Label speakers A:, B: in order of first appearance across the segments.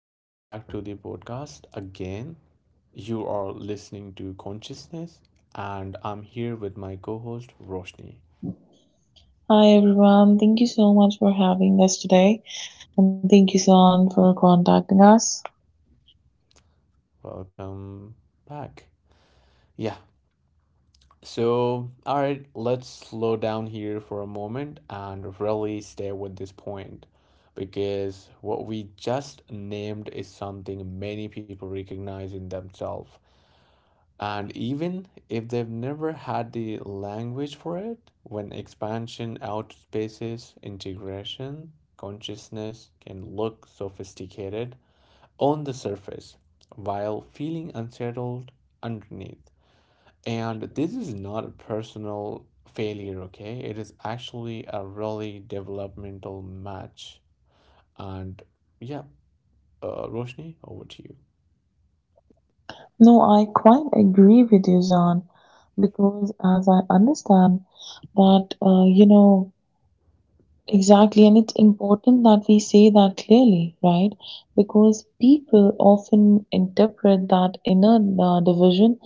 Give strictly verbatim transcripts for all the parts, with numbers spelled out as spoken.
A: Welcome back to the podcast again. You are listening to Consciousness, and I'm here with my co host, Roshni.
B: Hi everyone, thank you so much for having us today, and thank you, Zan, for contacting us.
A: Welcome back. Yeah, so, all right, let's slow down here for a moment and really stay with this point because what we just named is something many people recognize in themselves. And even if they've never had the language for it, when expansion outpaces integration, consciousness can look sophisticated on the surface while feeling unsettled underneath. And this is not a personal failure, okay? It is actually a really developmental match. And yeah, uh, Roshni, over to you.
B: No, I quite agree with you, Zan, because as I understand that, uh, you know, Exactly, and it's important that we say that clearly, right? Because people often interpret that inner uh, division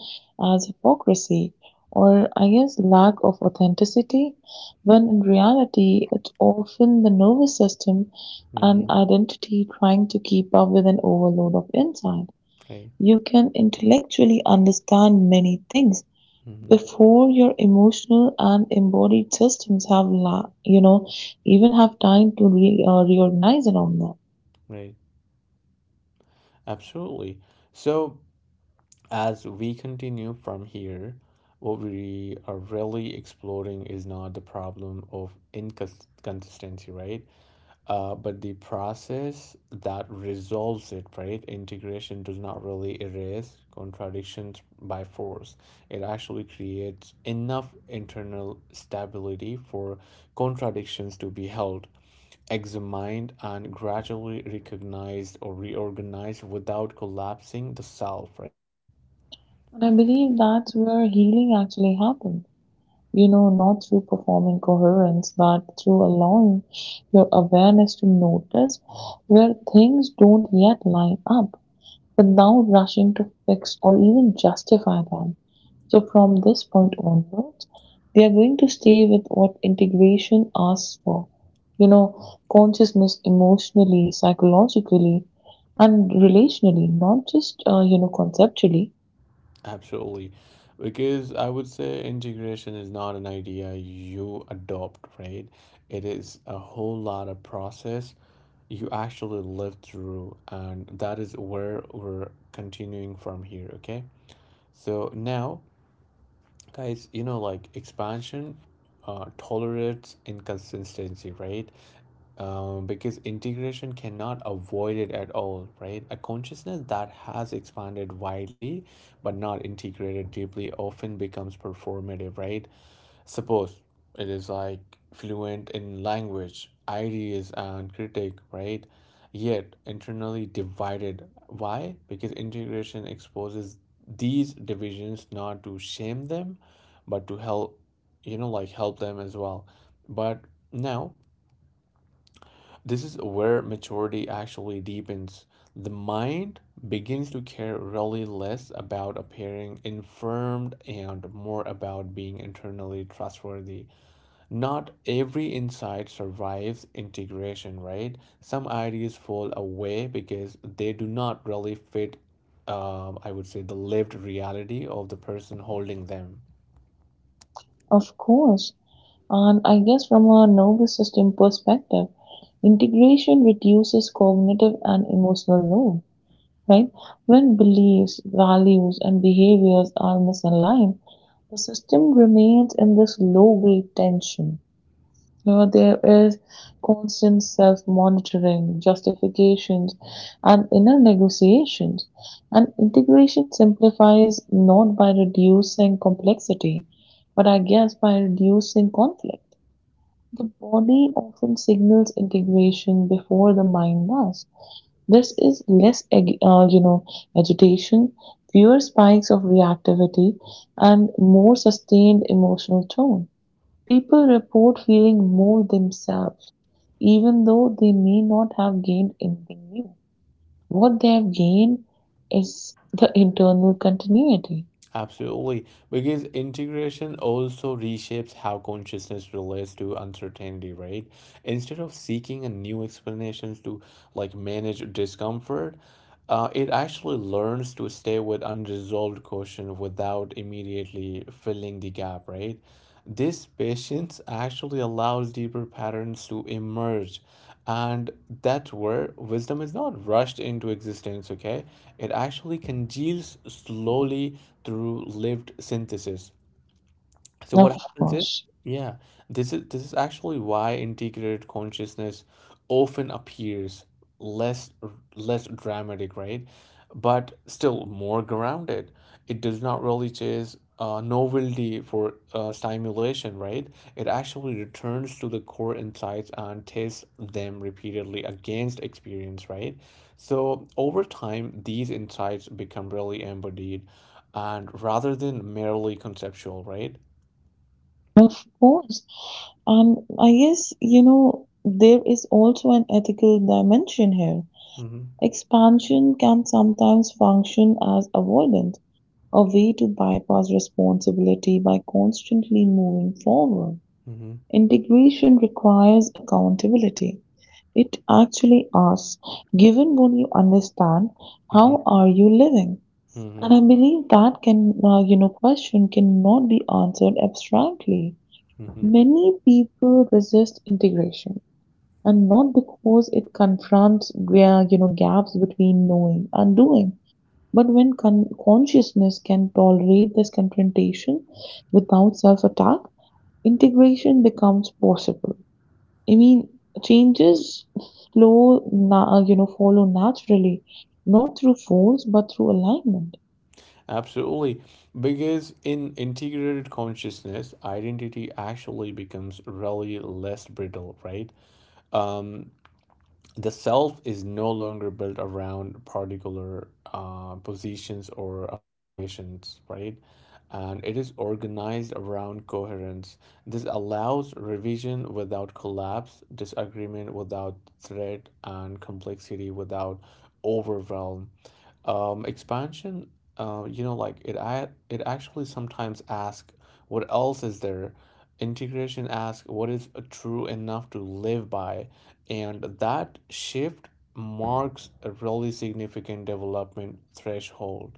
B: as hypocrisy or, I guess, lack of authenticity, when in reality, it's often the nervous system
A: hmm
B: and identity trying to keep up with an overload of insight.
A: Right.
B: You can intellectually understand many things
A: hmm
B: before your emotional and embodied systems have la- you know even have time to re- uh, reorganize around them.
A: Right. Absolutely. So, as we continue from here, what we are really exploring is not the problem of inconsistency, right? Uh, but the process that resolves it, right? Integration does not really erase contradictions by force. It actually creates enough internal stability for contradictions to be held, examined, and gradually recognized or reorganized without collapsing the self, right?
B: And I believe that's where healing actually happens, you know not through performing coherence but through allowing your awareness to notice where things don't yet line up, without rushing to fix or even justify them. So from this point onwards, we are going to stay with what integration asks for. You know, Consciousness emotionally, psychologically, and relationally, not just, uh, you know, conceptually.
A: Absolutely. Because I would say integration is not an idea you adopt, right? It is a whole lot of process you actually live through, and that is where we're continuing from here, okay? So now, guys, you know, like expansion uh, tolerates inconsistency, right? Um, because integration cannot avoid it at all, right? A consciousness that has expanded widely but not integrated deeply often becomes performative, right? Suppose it is like fluent in language, ideas, and critique, right? Yet internally divided. Why? Because integration exposes these divisions not to shame them, but to help, you know, like help them as well. But now, this is where maturity actually deepens. The mind begins to care really less about appearing informed and more about being internally trustworthy. Not every insight survives integration, right? Some ideas fall away because they do not really fit, um, I would say, the lived reality of the person holding them.
B: Of course. And I guess from a nervous system perspective, integration reduces cognitive and emotional load, right? When beliefs, values, and behaviors are misaligned, the system remains in this low grade tension. You know, there is constant self monitoring, justifications, and inner negotiations. And integration simplifies not by reducing complexity, but I guess by reducing conflict. The body often signals integration before the mind does. This is less ag- uh, you know, agitation, fewer spikes of reactivity, and more sustained emotional tone. People report feeling more themselves, even though they may not have gained anything new. What they have gained is the internal continuity,
A: Absolutely, because integration also reshapes how consciousness relates to uncertainty, right? Instead of seeking a new explanations to like manage discomfort, uh, it actually learns to stay with unresolved question without immediately filling the gap, right? This patience actually allows deeper patterns to emerge, and that's where wisdom is not rushed into existence, okay? It actually congeals slowly through lived synthesis. So what
B: of
A: happens is,
B: course.
A: yeah, this is this is actually why integrated consciousness often appears less less dramatic, right? But still more grounded. It does not really chase uh, novelty for uh, stimulation, right? It actually returns to the core insights and tests them repeatedly against experience, right? So over time, these insights become really embodied and rather than merely conceptual, right?
B: Of course. And I guess, you know, there is also an ethical dimension here.
A: Mhm.
B: Expansion can sometimes function as avoidance, a way to bypass responsibility by constantly moving forward.
A: Mhm.
B: Integration requires accountability. It actually asks, given what you understand,
A: Mhm.
B: how are you living?
A: Mhm.
B: And I believe that can, uh, you know, question cannot be answered abstractly.
A: Mhm.
B: Many people resist integration, and not because it confronts where you know gaps between knowing and doing, but when con- consciousness can tolerate this confrontation without self attack, integration becomes possible. I mean, changes flow, na- you know follow naturally, not through force but through alignment.
A: Absolutely. Because in integrated consciousness, identity actually becomes really less brittle, right? Um, the self is no longer built around particular uh, positions or affiliations, right? And it is organized around coherence. This allows revision without collapse, disagreement without threat, and complexity without overwhelm. Um, expansion, uh, you know, like it, I, it actually sometimes asks, what else is there? Integration asks, what is true enough to live by? And that shift marks a really significant development threshold.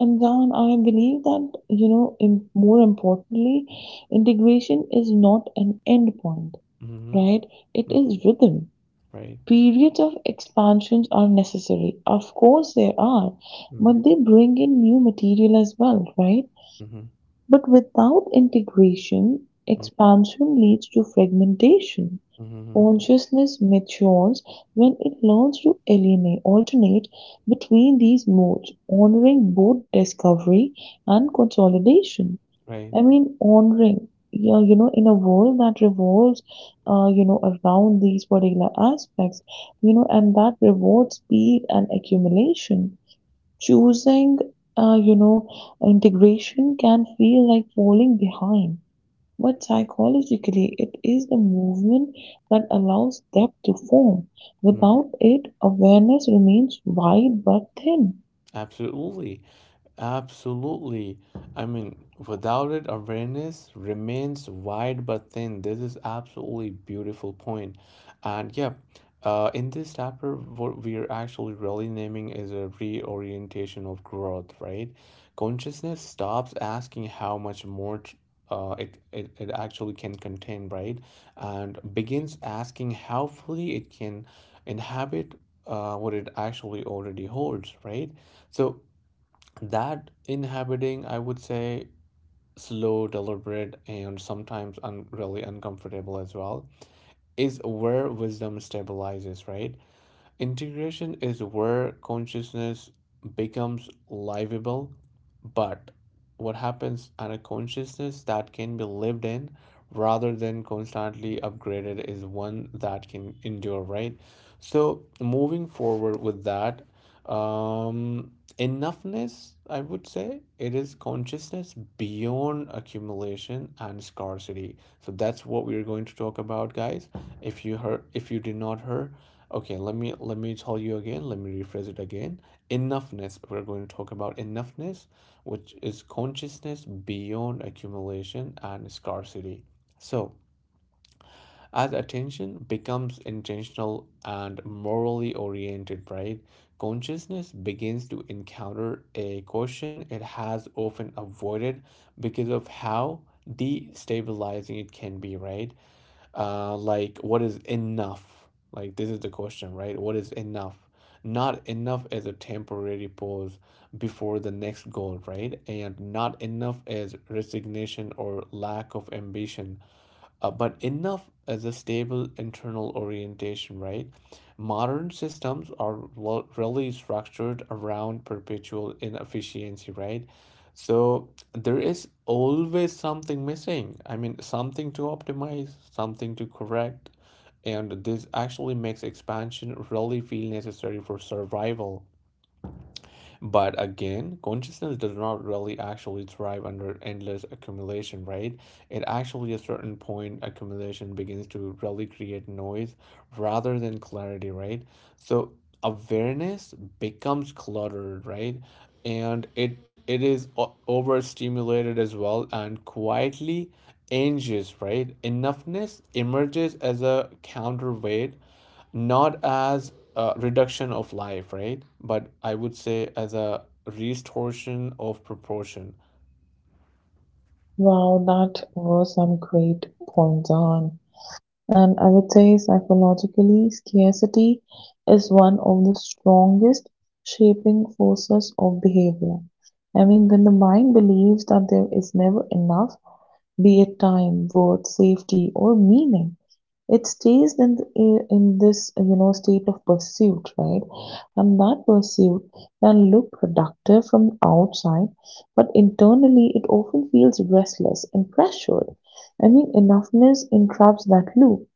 B: And Jan, I believe that, you know, im- more importantly, integration is not an end point,
A: Mm-hmm.
B: right? It
A: Mm-hmm.
B: is rhythm.
A: Right.
B: Periods of expansions are necessary. Of course, there are,
A: Mm-hmm.
B: but they bring in new material as well, right?
A: Mm-hmm.
B: But without integration, expansion leads to fragmentation.
A: Mm-hmm. Mm-hmm.
B: Consciousness matures when it learns to alienate, alternate between these modes, honoring both discovery and consolidation.
A: Right.
B: I mean, honoring, yeah, you know, in a world that revolves, uh, you know, around these particular aspects, you know, and that rewards speed and accumulation. Choosing, uh, you know, integration can feel like falling behind, but psychologically it is the movement that allows depth to form; without it, awareness remains wide but thin.
A: Absolutely. Absolutely. I mean, without it, awareness remains wide but thin. This is absolutely beautiful point. And yeah, uh, in this chapter, what we are actually really naming is a reorientation of growth, right? Consciousness stops asking how much more t- uh, it, it, it actually can contain, right? And begins asking how fully it can inhabit uh, what it actually already holds, right? So that inhabiting, I would say, slow, deliberate, and sometimes un- really uncomfortable as well, is where wisdom stabilizes, right? Integration is where consciousness becomes livable, but what happens at a consciousness that can be lived in rather than constantly upgraded is one that can endure, right? So moving forward with that, um, enoughness, I would say, it is consciousness beyond accumulation and scarcity. So that's what we're going to talk about, guys. If you heard, if you did not hear, okay, let me let me tell you again. Let me rephrase it again. Enoughness. We're going to talk about enoughness, which is consciousness beyond accumulation and scarcity. So as attention becomes intentional and morally oriented, right, consciousness begins to encounter a question it has often avoided because of how destabilizing it can be, right? Uh, like, what is enough? Like, this is the question, right? What is enough? Not enough as a temporary pause before the next goal, right? And not enough as resignation or lack of ambition, uh, but enough as a stable internal orientation, right? Modern systems are really structured around perpetual inefficiency, right? So there is always something missing. I mean, something to optimize, something to correct. And this actually makes expansion really feel necessary for survival, but again, consciousness does not really actually thrive under endless accumulation, right? It actually, at a certain point, accumulation begins to really create noise rather than clarity, right? So awareness becomes cluttered, right? And it it is o- overstimulated as well and quietly anxious, right? Enoughness emerges as a counterweight, not as a reduction of life, right? But I would say as a restoration of proportion.
B: Wow, that were some great points on. And I would say psychologically, scarcity is one of the strongest shaping forces of behavior. I mean, when the mind believes that there is never enough, be it time, worth, safety, or meaning, it stays in the, eh, in this you know state of pursuit, right? And that pursuit can look productive from outside, but internally it often feels restless and pressured. I mean, enoughness entraps that loop,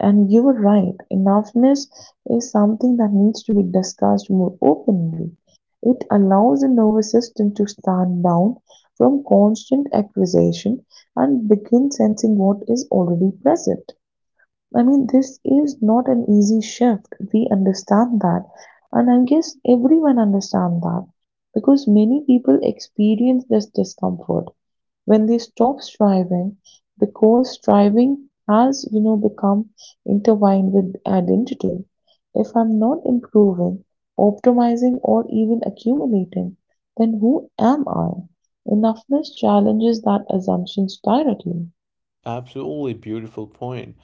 B: and you were right. Enoughness is something that needs to be discussed more openly. It allows the nervous system to stand down from constant acquisition and begin sensing what is already present. I mean, this is not an easy shift. We understand that. And I guess everyone understands that because many people experience this discomfort when they stop striving, because striving has, you know, become intertwined with identity. If I'm not improving, optimizing, or even accumulating, then who am I? Enoughness challenges that assumptions directly.
A: Absolutely beautiful point.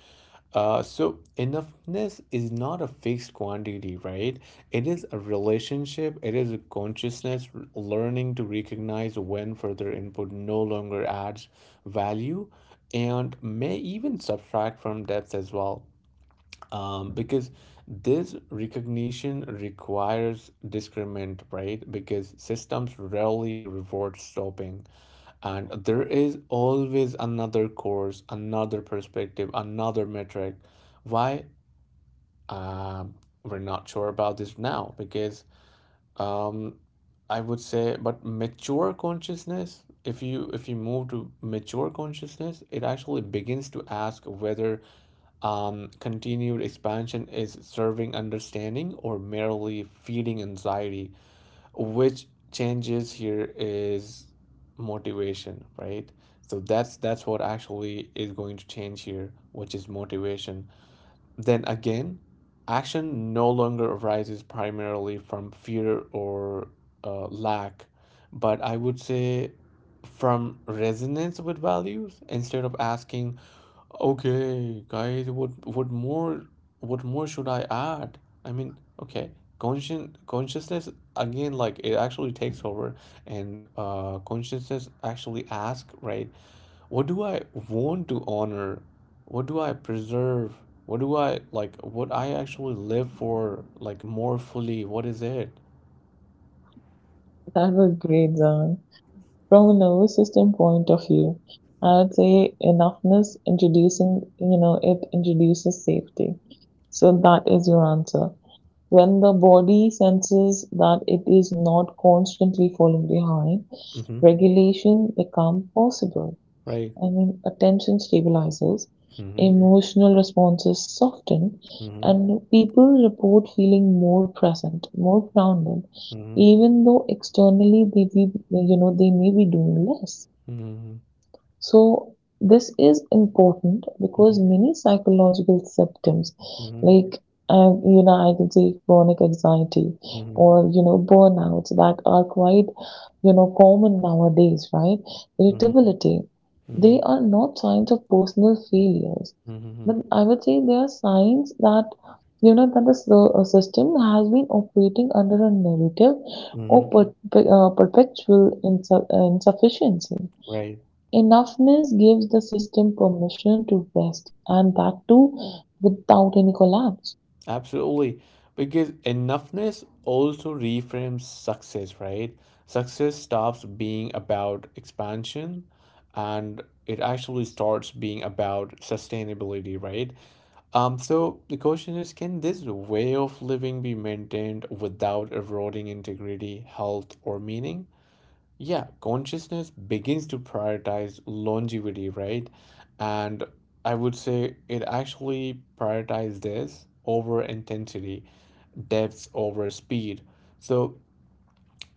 A: Uh, so enoughness is not a fixed quantity, right? It is a relationship. It is a consciousness r- learning to recognize when further input no longer adds value and may even subtract from depth as well. um, because this recognition requires discernment, right? Because systems rarely reward stopping, and there is always another course, another perspective, another metric. Why um, we're not sure about this now? Because um, I would say, but mature consciousness. If you if you move to mature consciousness, it actually begins to ask whether um, continued expansion is serving understanding or merely feeding anxiety, which changes here is motivation, right? So that's that's what actually is going to change here, which is motivation. Then again, action no longer arises primarily from fear or uh, lack, but I would say from resonance with values instead of asking, okay, guys, what what more what more should I add? I mean, okay, conscien consciousness again, like it actually takes over, and uh, consciousness actually asks, right? What do I want to honor? What do I preserve? What do I like? What I actually live for, like more fully? What is it?
B: That was great, Zan. From a nervous system point of view, I would say enoughness introducing, you know, it introduces safety. So that is your answer. When the body senses that it is not constantly falling behind,
A: Mm-hmm.
B: regulation become possible.
A: Right.
B: I mean, attention stabilizes,
A: Mm-hmm.
B: emotional responses soften, and people report feeling more present, more grounded,
A: Mm-hmm.
B: even though externally they be, you know, they may be doing less.
A: Mm-hmm.
B: So this is important
A: Mm-hmm.
B: because many psychological symptoms
A: Mm-hmm.
B: like, uh, you know I can say, chronic anxiety
A: Mm-hmm.
B: or, you know burnouts that are quite, you know common nowadays, right? Irritability, they
A: Mm-hmm.
B: are not signs of personal failures,
A: Mm-hmm.
B: but I would say they are signs that you know that the s- uh, system has been operating under a narrative or
A: Mm-hmm.
B: per, per- uh, perpetual insu- uh, insufficiency.
A: Right.
B: Enoughness gives the system permission to rest, and that too without any collapse.
A: Absolutely. Because enoughness also reframes success, right? Success stops being about expansion and it actually starts being about sustainability, right? Um, so the question is, can this way of living be maintained without eroding integrity, health, or meaning? Yeah, consciousness begins to prioritize longevity, right? And I would say it actually prioritizes this over intensity, depth over speed. So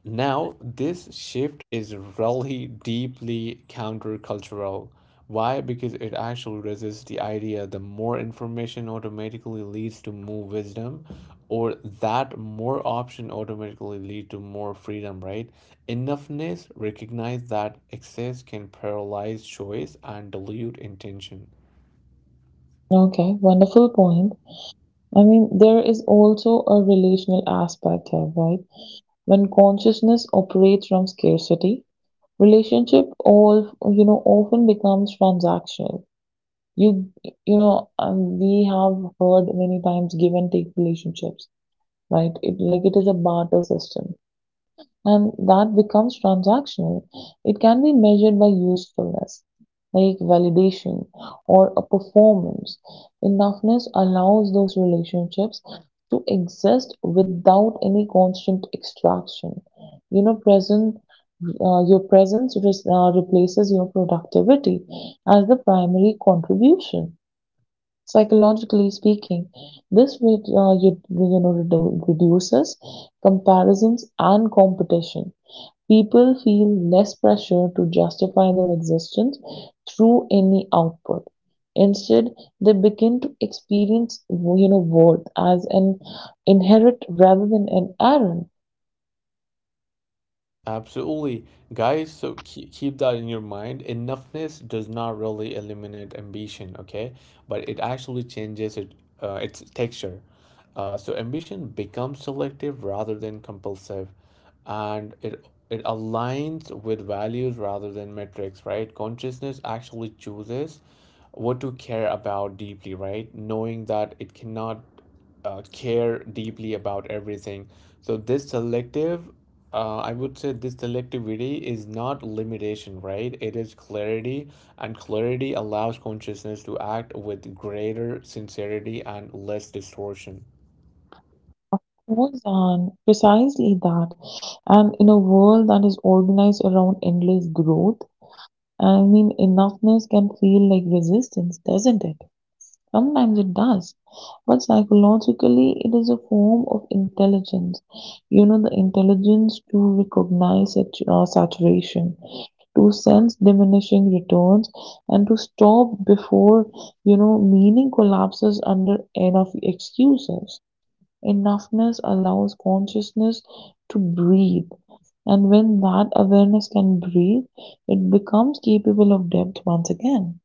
A: now, this shift is really deeply countercultural. Why? Because it actually resists the idea that more information automatically leads to more wisdom, or that more option automatically lead to more freedom, right? Enoughness recognize that excess can paralyze choice and dilute intention.
B: Okay, wonderful point. I mean, there is also a relational aspect here, right? When consciousness operates from scarcity, relationship all, you know often becomes transactional. You you know um, we have heard many times give and take relationships, right? It like it is a barter system and that becomes transactional. It can be measured by usefulness, like validation or a performance. Enoughness allows those relationships to exist without any constant extraction. You know, present. Uh, your presence res- uh, replaces your productivity as the primary contribution. Psychologically speaking, this re- uh, you, you know redu- reduces comparisons and competition. People feel less pressure to justify their existence through any output. Instead, they begin to experience, you know, worth as an inherent rather than an errand.
A: Absolutely. Guys, so keep, keep that in your mind. Enoughness does not really eliminate ambition, okay? But it actually changes it, uh, its texture. Uh, so ambition becomes selective rather than compulsive, and it it aligns with values rather than metrics, right? Consciousness actually chooses what to care about deeply, right? Knowing that it cannot uh, care deeply about everything. So this selective, uh, I would say this selectivity is not limitation, right? It is clarity, and clarity allows consciousness to act with greater sincerity and less distortion.
B: Was on precisely that, and in a world that is organized around endless growth, I mean, enoughness can feel like resistance, doesn't it? Sometimes it does, but psychologically it is a form of intelligence. You know, the intelligence to recognize sat- uh, saturation, to sense diminishing returns, and to stop before, you know, meaning collapses under enough excuses. Enoughness allows consciousness to breathe. And when that awareness can breathe, it becomes capable of depth once again.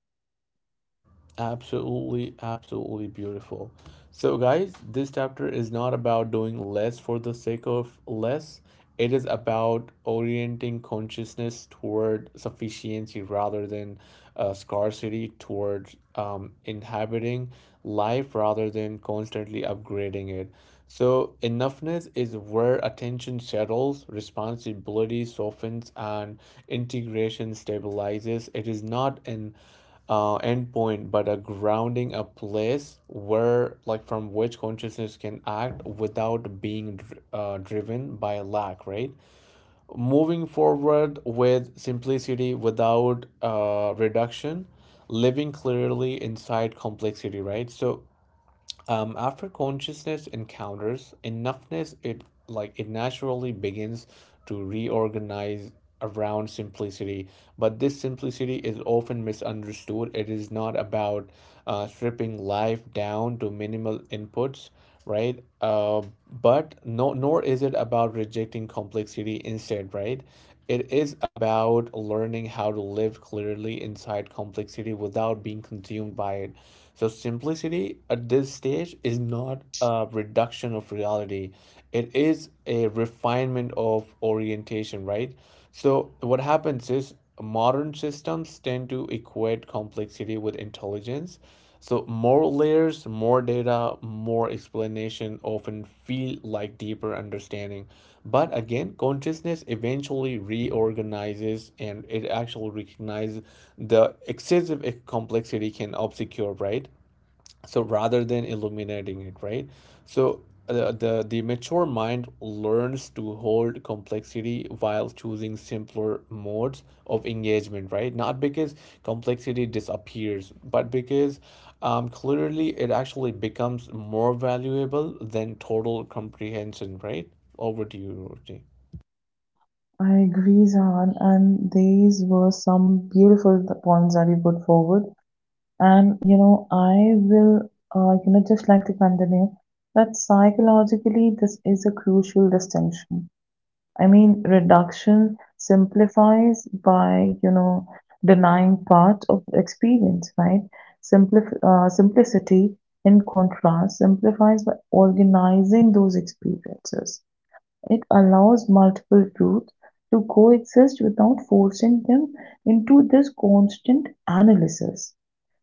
A: Absolutely, absolutely beautiful. So, guys, this chapter is not about doing less for the sake of less. It is about orienting consciousness toward sufficiency rather than uh, scarcity, towards um, inhabiting life rather than constantly upgrading it. So, enoughness is where attention settles, responsibility softens, and integration stabilizes. It is not an uh, endpoint, but a grounding, a place where, like, from which consciousness can act without being dr- uh, driven by lack, right? Moving forward with simplicity without uh, reduction, living clearly inside complexity, right? So, um, after consciousness encounters enoughness, it like it naturally begins to reorganize around simplicity. But this simplicity is often misunderstood. It is not about uh, stripping life down to minimal inputs, right? Uh, but no nor is it about rejecting complexity. Instead, right, it is about learning how to live clearly inside complexity without being consumed by it. So, simplicity at this stage is not a reduction of reality, it is a refinement of orientation, right? So what happens is, modern systems tend to equate complexity with intelligence. So more layers, more data, more explanation often feel like deeper understanding. But again, consciousness eventually reorganizes and it actually recognizes the excessive complexity can obscure, right? So rather than illuminating it, right? So the the the mature mind learns to hold complexity while choosing simpler modes of engagement, right? Not because complexity disappears, but because um, clearly it actually becomes more valuable than total comprehension, right? Over to you, Ruchi.
B: I agree, Zahan, and these were some beautiful th- points that you put forward. And you know, I will, uh, you know, just like to continue that psychologically, this is a crucial distinction. I mean, reduction simplifies by, you know, denying part of experience, right? Simplif- uh, simplicity, in contrast, simplifies by organizing those experiences. It allows multiple truths to coexist without forcing them into this constant analysis.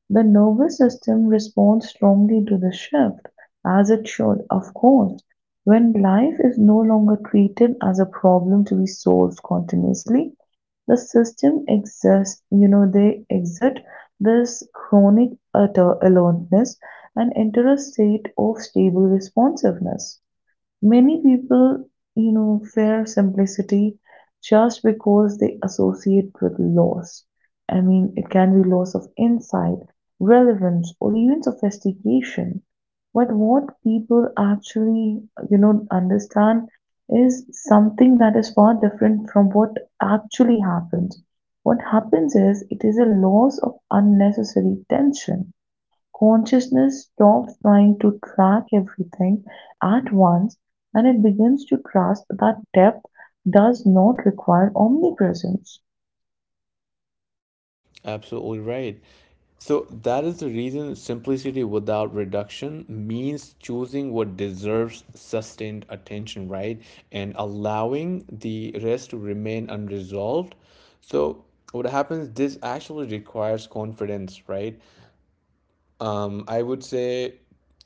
B: The nervous system responds strongly to the shift, as it should, of course. When life is no longer treated as a problem to be solved continuously, the system exists, you know, they exit this chronic utter aloneness and enter a state of stable responsiveness. Many people, you know, fear simplicity just because they associate with loss. I mean, it can be loss of insight, relevance, or even sophistication. But what people actually, you know, understand is something that is far different from what actually happens. What happens is it is a loss of unnecessary tension. Consciousness stops trying to track everything at once, and it begins to trust that depth does not require omnipresence.
A: Absolutely right. So that is the reason simplicity without reduction means choosing what deserves sustained attention, right? And allowing the rest to remain unresolved. So what happens, this actually requires confidence, right? um, I would say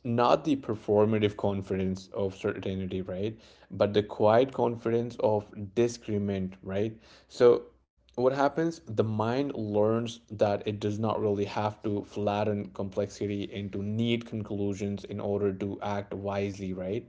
A: not the performative confidence of certainty, right? But the quiet confidence of disagreement, right? So what happens? The mind learns that it does not really have to flatten complexity into neat conclusions in order to act wisely, right?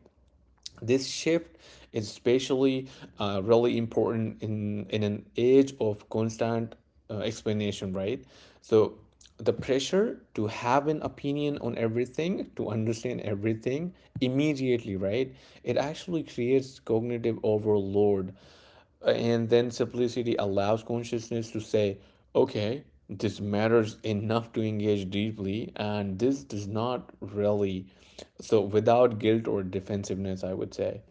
A: This shift is especially uh, really important in, in an age of constant uh, explanation, right? So the pressure to have an opinion on everything, to understand everything immediately, right? It actually creates cognitive overload, and then simplicity allows consciousness to say, okay, this matters enough to engage deeply, and this does not really. So, without guilt or defensiveness, I would say.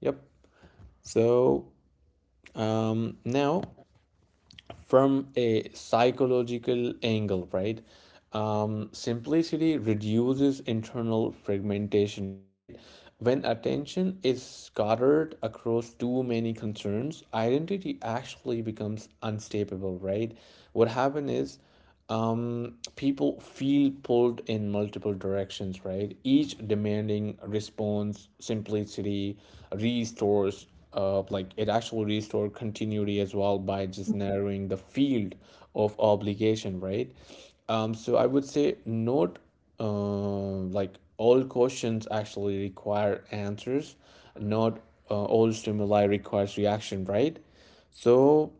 A: Yep. So, um, now from a psychological angle, right? Um, simplicity reduces internal fragmentation, right? When attention is scattered across too many concerns, identity actually becomes unstable, right? What happens is um, people feel pulled in multiple directions, right? Each demanding response, simplicity restores, uh, like it actually restores continuity as well by just narrowing the field of obligation, right? Um, so I would say note, uh, like all questions actually require answers, not uh, all stimuli requires reaction, right? So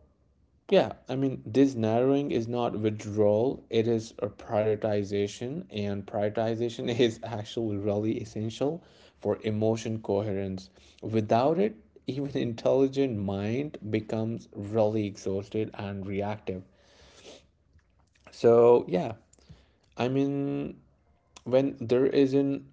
A: yeah, I mean, this narrowing is not withdrawal, it is a prioritization, and prioritization is actually really essential for emotion coherence. Without it, even intelligent mind becomes really exhausted and reactive. So, yeah, I mean, when there is an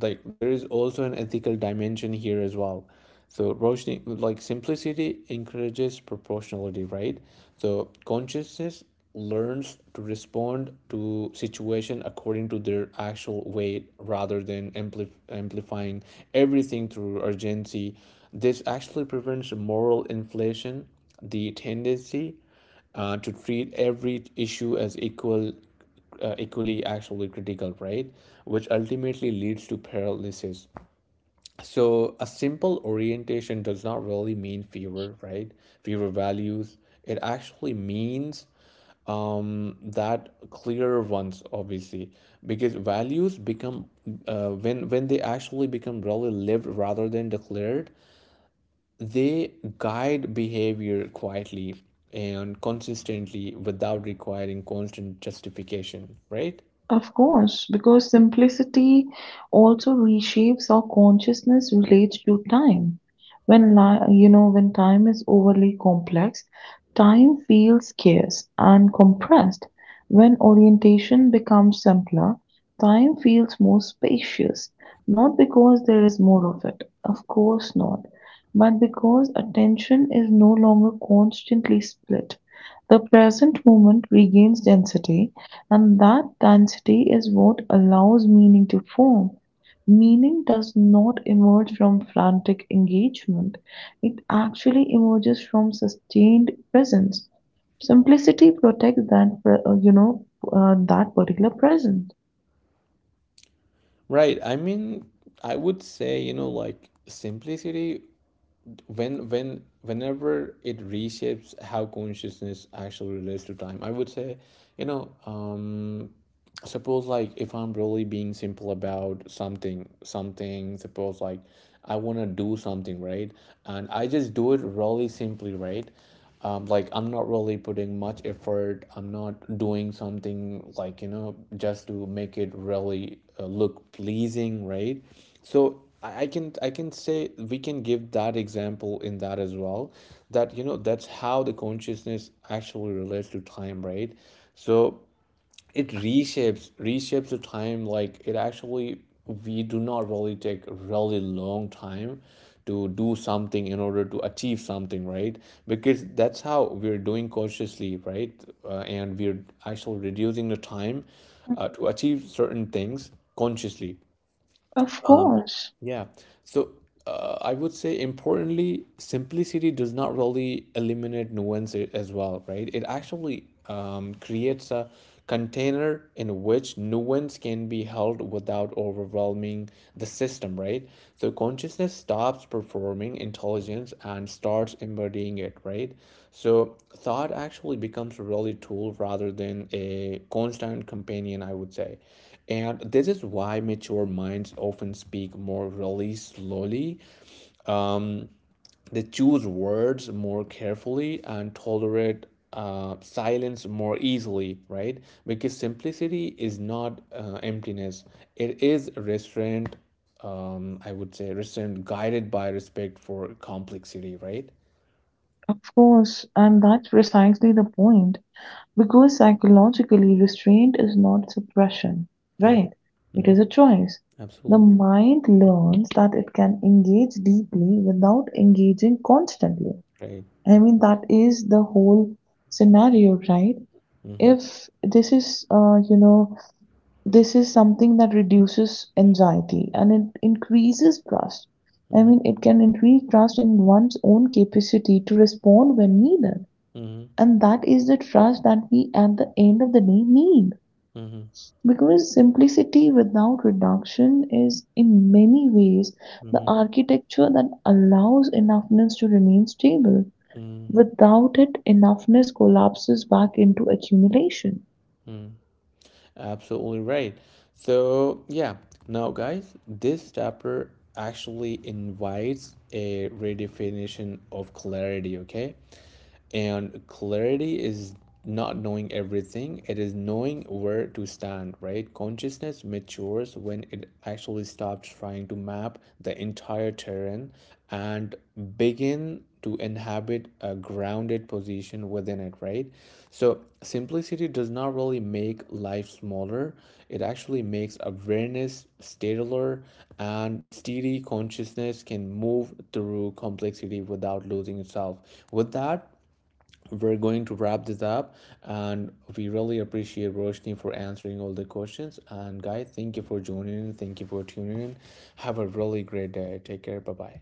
A: like there is also an ethical dimension here as well. So, Roshni, like simplicity encourages proportionality, right? So consciousness learns to respond to situation according to their actual weight rather than ampli- amplifying everything through urgency. This actually prevents moral inflation, the tendency uh, to treat every issue as equal, uh, equally actually critical, right? Which ultimately leads to paralysis. So a simple orientation does not really mean fewer, right? Fewer values. It actually means um that clearer ones, obviously, because values become uh, when when they actually become really lived rather than declared, they guide behavior quietly and consistently without requiring constant justification, right?
B: Of course, because simplicity also reshapes our consciousness relates to time. When li- you know when time is overly complex, time feels scarce and compressed. When orientation becomes simpler, time feels more spacious. Not because there is more of it, of course not, but because attention is no longer constantly split. The present moment regains density, and that density is what allows meaning to form. Meaning does not emerge from frantic engagement, it actually emerges from sustained presence. Simplicity protects that, uh, you know, uh, that particular presence.
A: Right. I mean, I would say, you know, like simplicity when when whenever it reshapes how consciousness actually relates to time, I would say, you know, um suppose like if I'm really being simple about something something suppose like I want to do something, right? And I just do it really simply, right? Um, like I'm not really putting much effort, I'm not doing something like, you know, just to make it really uh, look pleasing, right? So I I can I can say we can give that example in that as well, that, you know, that's how the consciousness actually relates to time, right? So it reshapes reshapes the time, like it actually, we do not really take really long time to do something in order to achieve something, right? Because that's how we're doing consciously, right? Uh, and we're actually reducing the time uh, to achieve certain things consciously.
B: Of course,
A: Yeah. So uh, I would say importantly, simplicity does not really eliminate nuance a- as well, right? It actually um, creates a container in which nuance can be held without overwhelming the system, right? So consciousness stops performing intelligence and starts embodying it, right? So thought actually becomes a really tool rather than a constant companion, I would say. And this is why mature minds often speak more really slowly. Um, they choose words more carefully and tolerate uh, silence more easily, right? Because simplicity is not uh, emptiness, it is restraint, um, I would say, restraint guided by respect for complexity, right?
B: of course, and that's precisely the point. Because psychologically, restraint is not suppression,
A: Uh,
B: right? It
A: mhm.
B: is a choice. The
A: Absolutely.
B: mind learns that it can engage deeply without engaging constantly.
A: Right.
B: I mean, that is the whole scenario, right?
A: Mm-hmm.
B: If this is, uh, you know, this is something that reduces anxiety and it increases trust. I
A: Mm-hmm.
B: mean, it can increase trust in one's own capacity to respond when needed,
A: Mm-hmm.
B: and that is the trust that we at the end of the day need,
A: Mm-hmm.
B: because simplicity without reduction is in many ways the architecture that allows enoughness to remain stable.
A: Mm-hmm.
B: Without it, enoughness collapses back into accumulation.
A: Mm-hmm. Absolutely right. So, yeah, now guys, this chapter actually invites a redefinition of clarity, okay? And clarity is not knowing everything, it is knowing where to stand, right? Consciousness matures when it actually stops trying to map the entire terrain and begin to inhabit a grounded position within it, right? So, simplicity does not really make life smaller, it actually makes awareness stateler, and steady consciousness can move through complexity without losing itself. With that, we're going to wrap this up, and we really appreciate Roshni for answering all the questions. And guys, thank you for joining in. Thank you for tuning in. Have a really great day. Take care. Bye bye.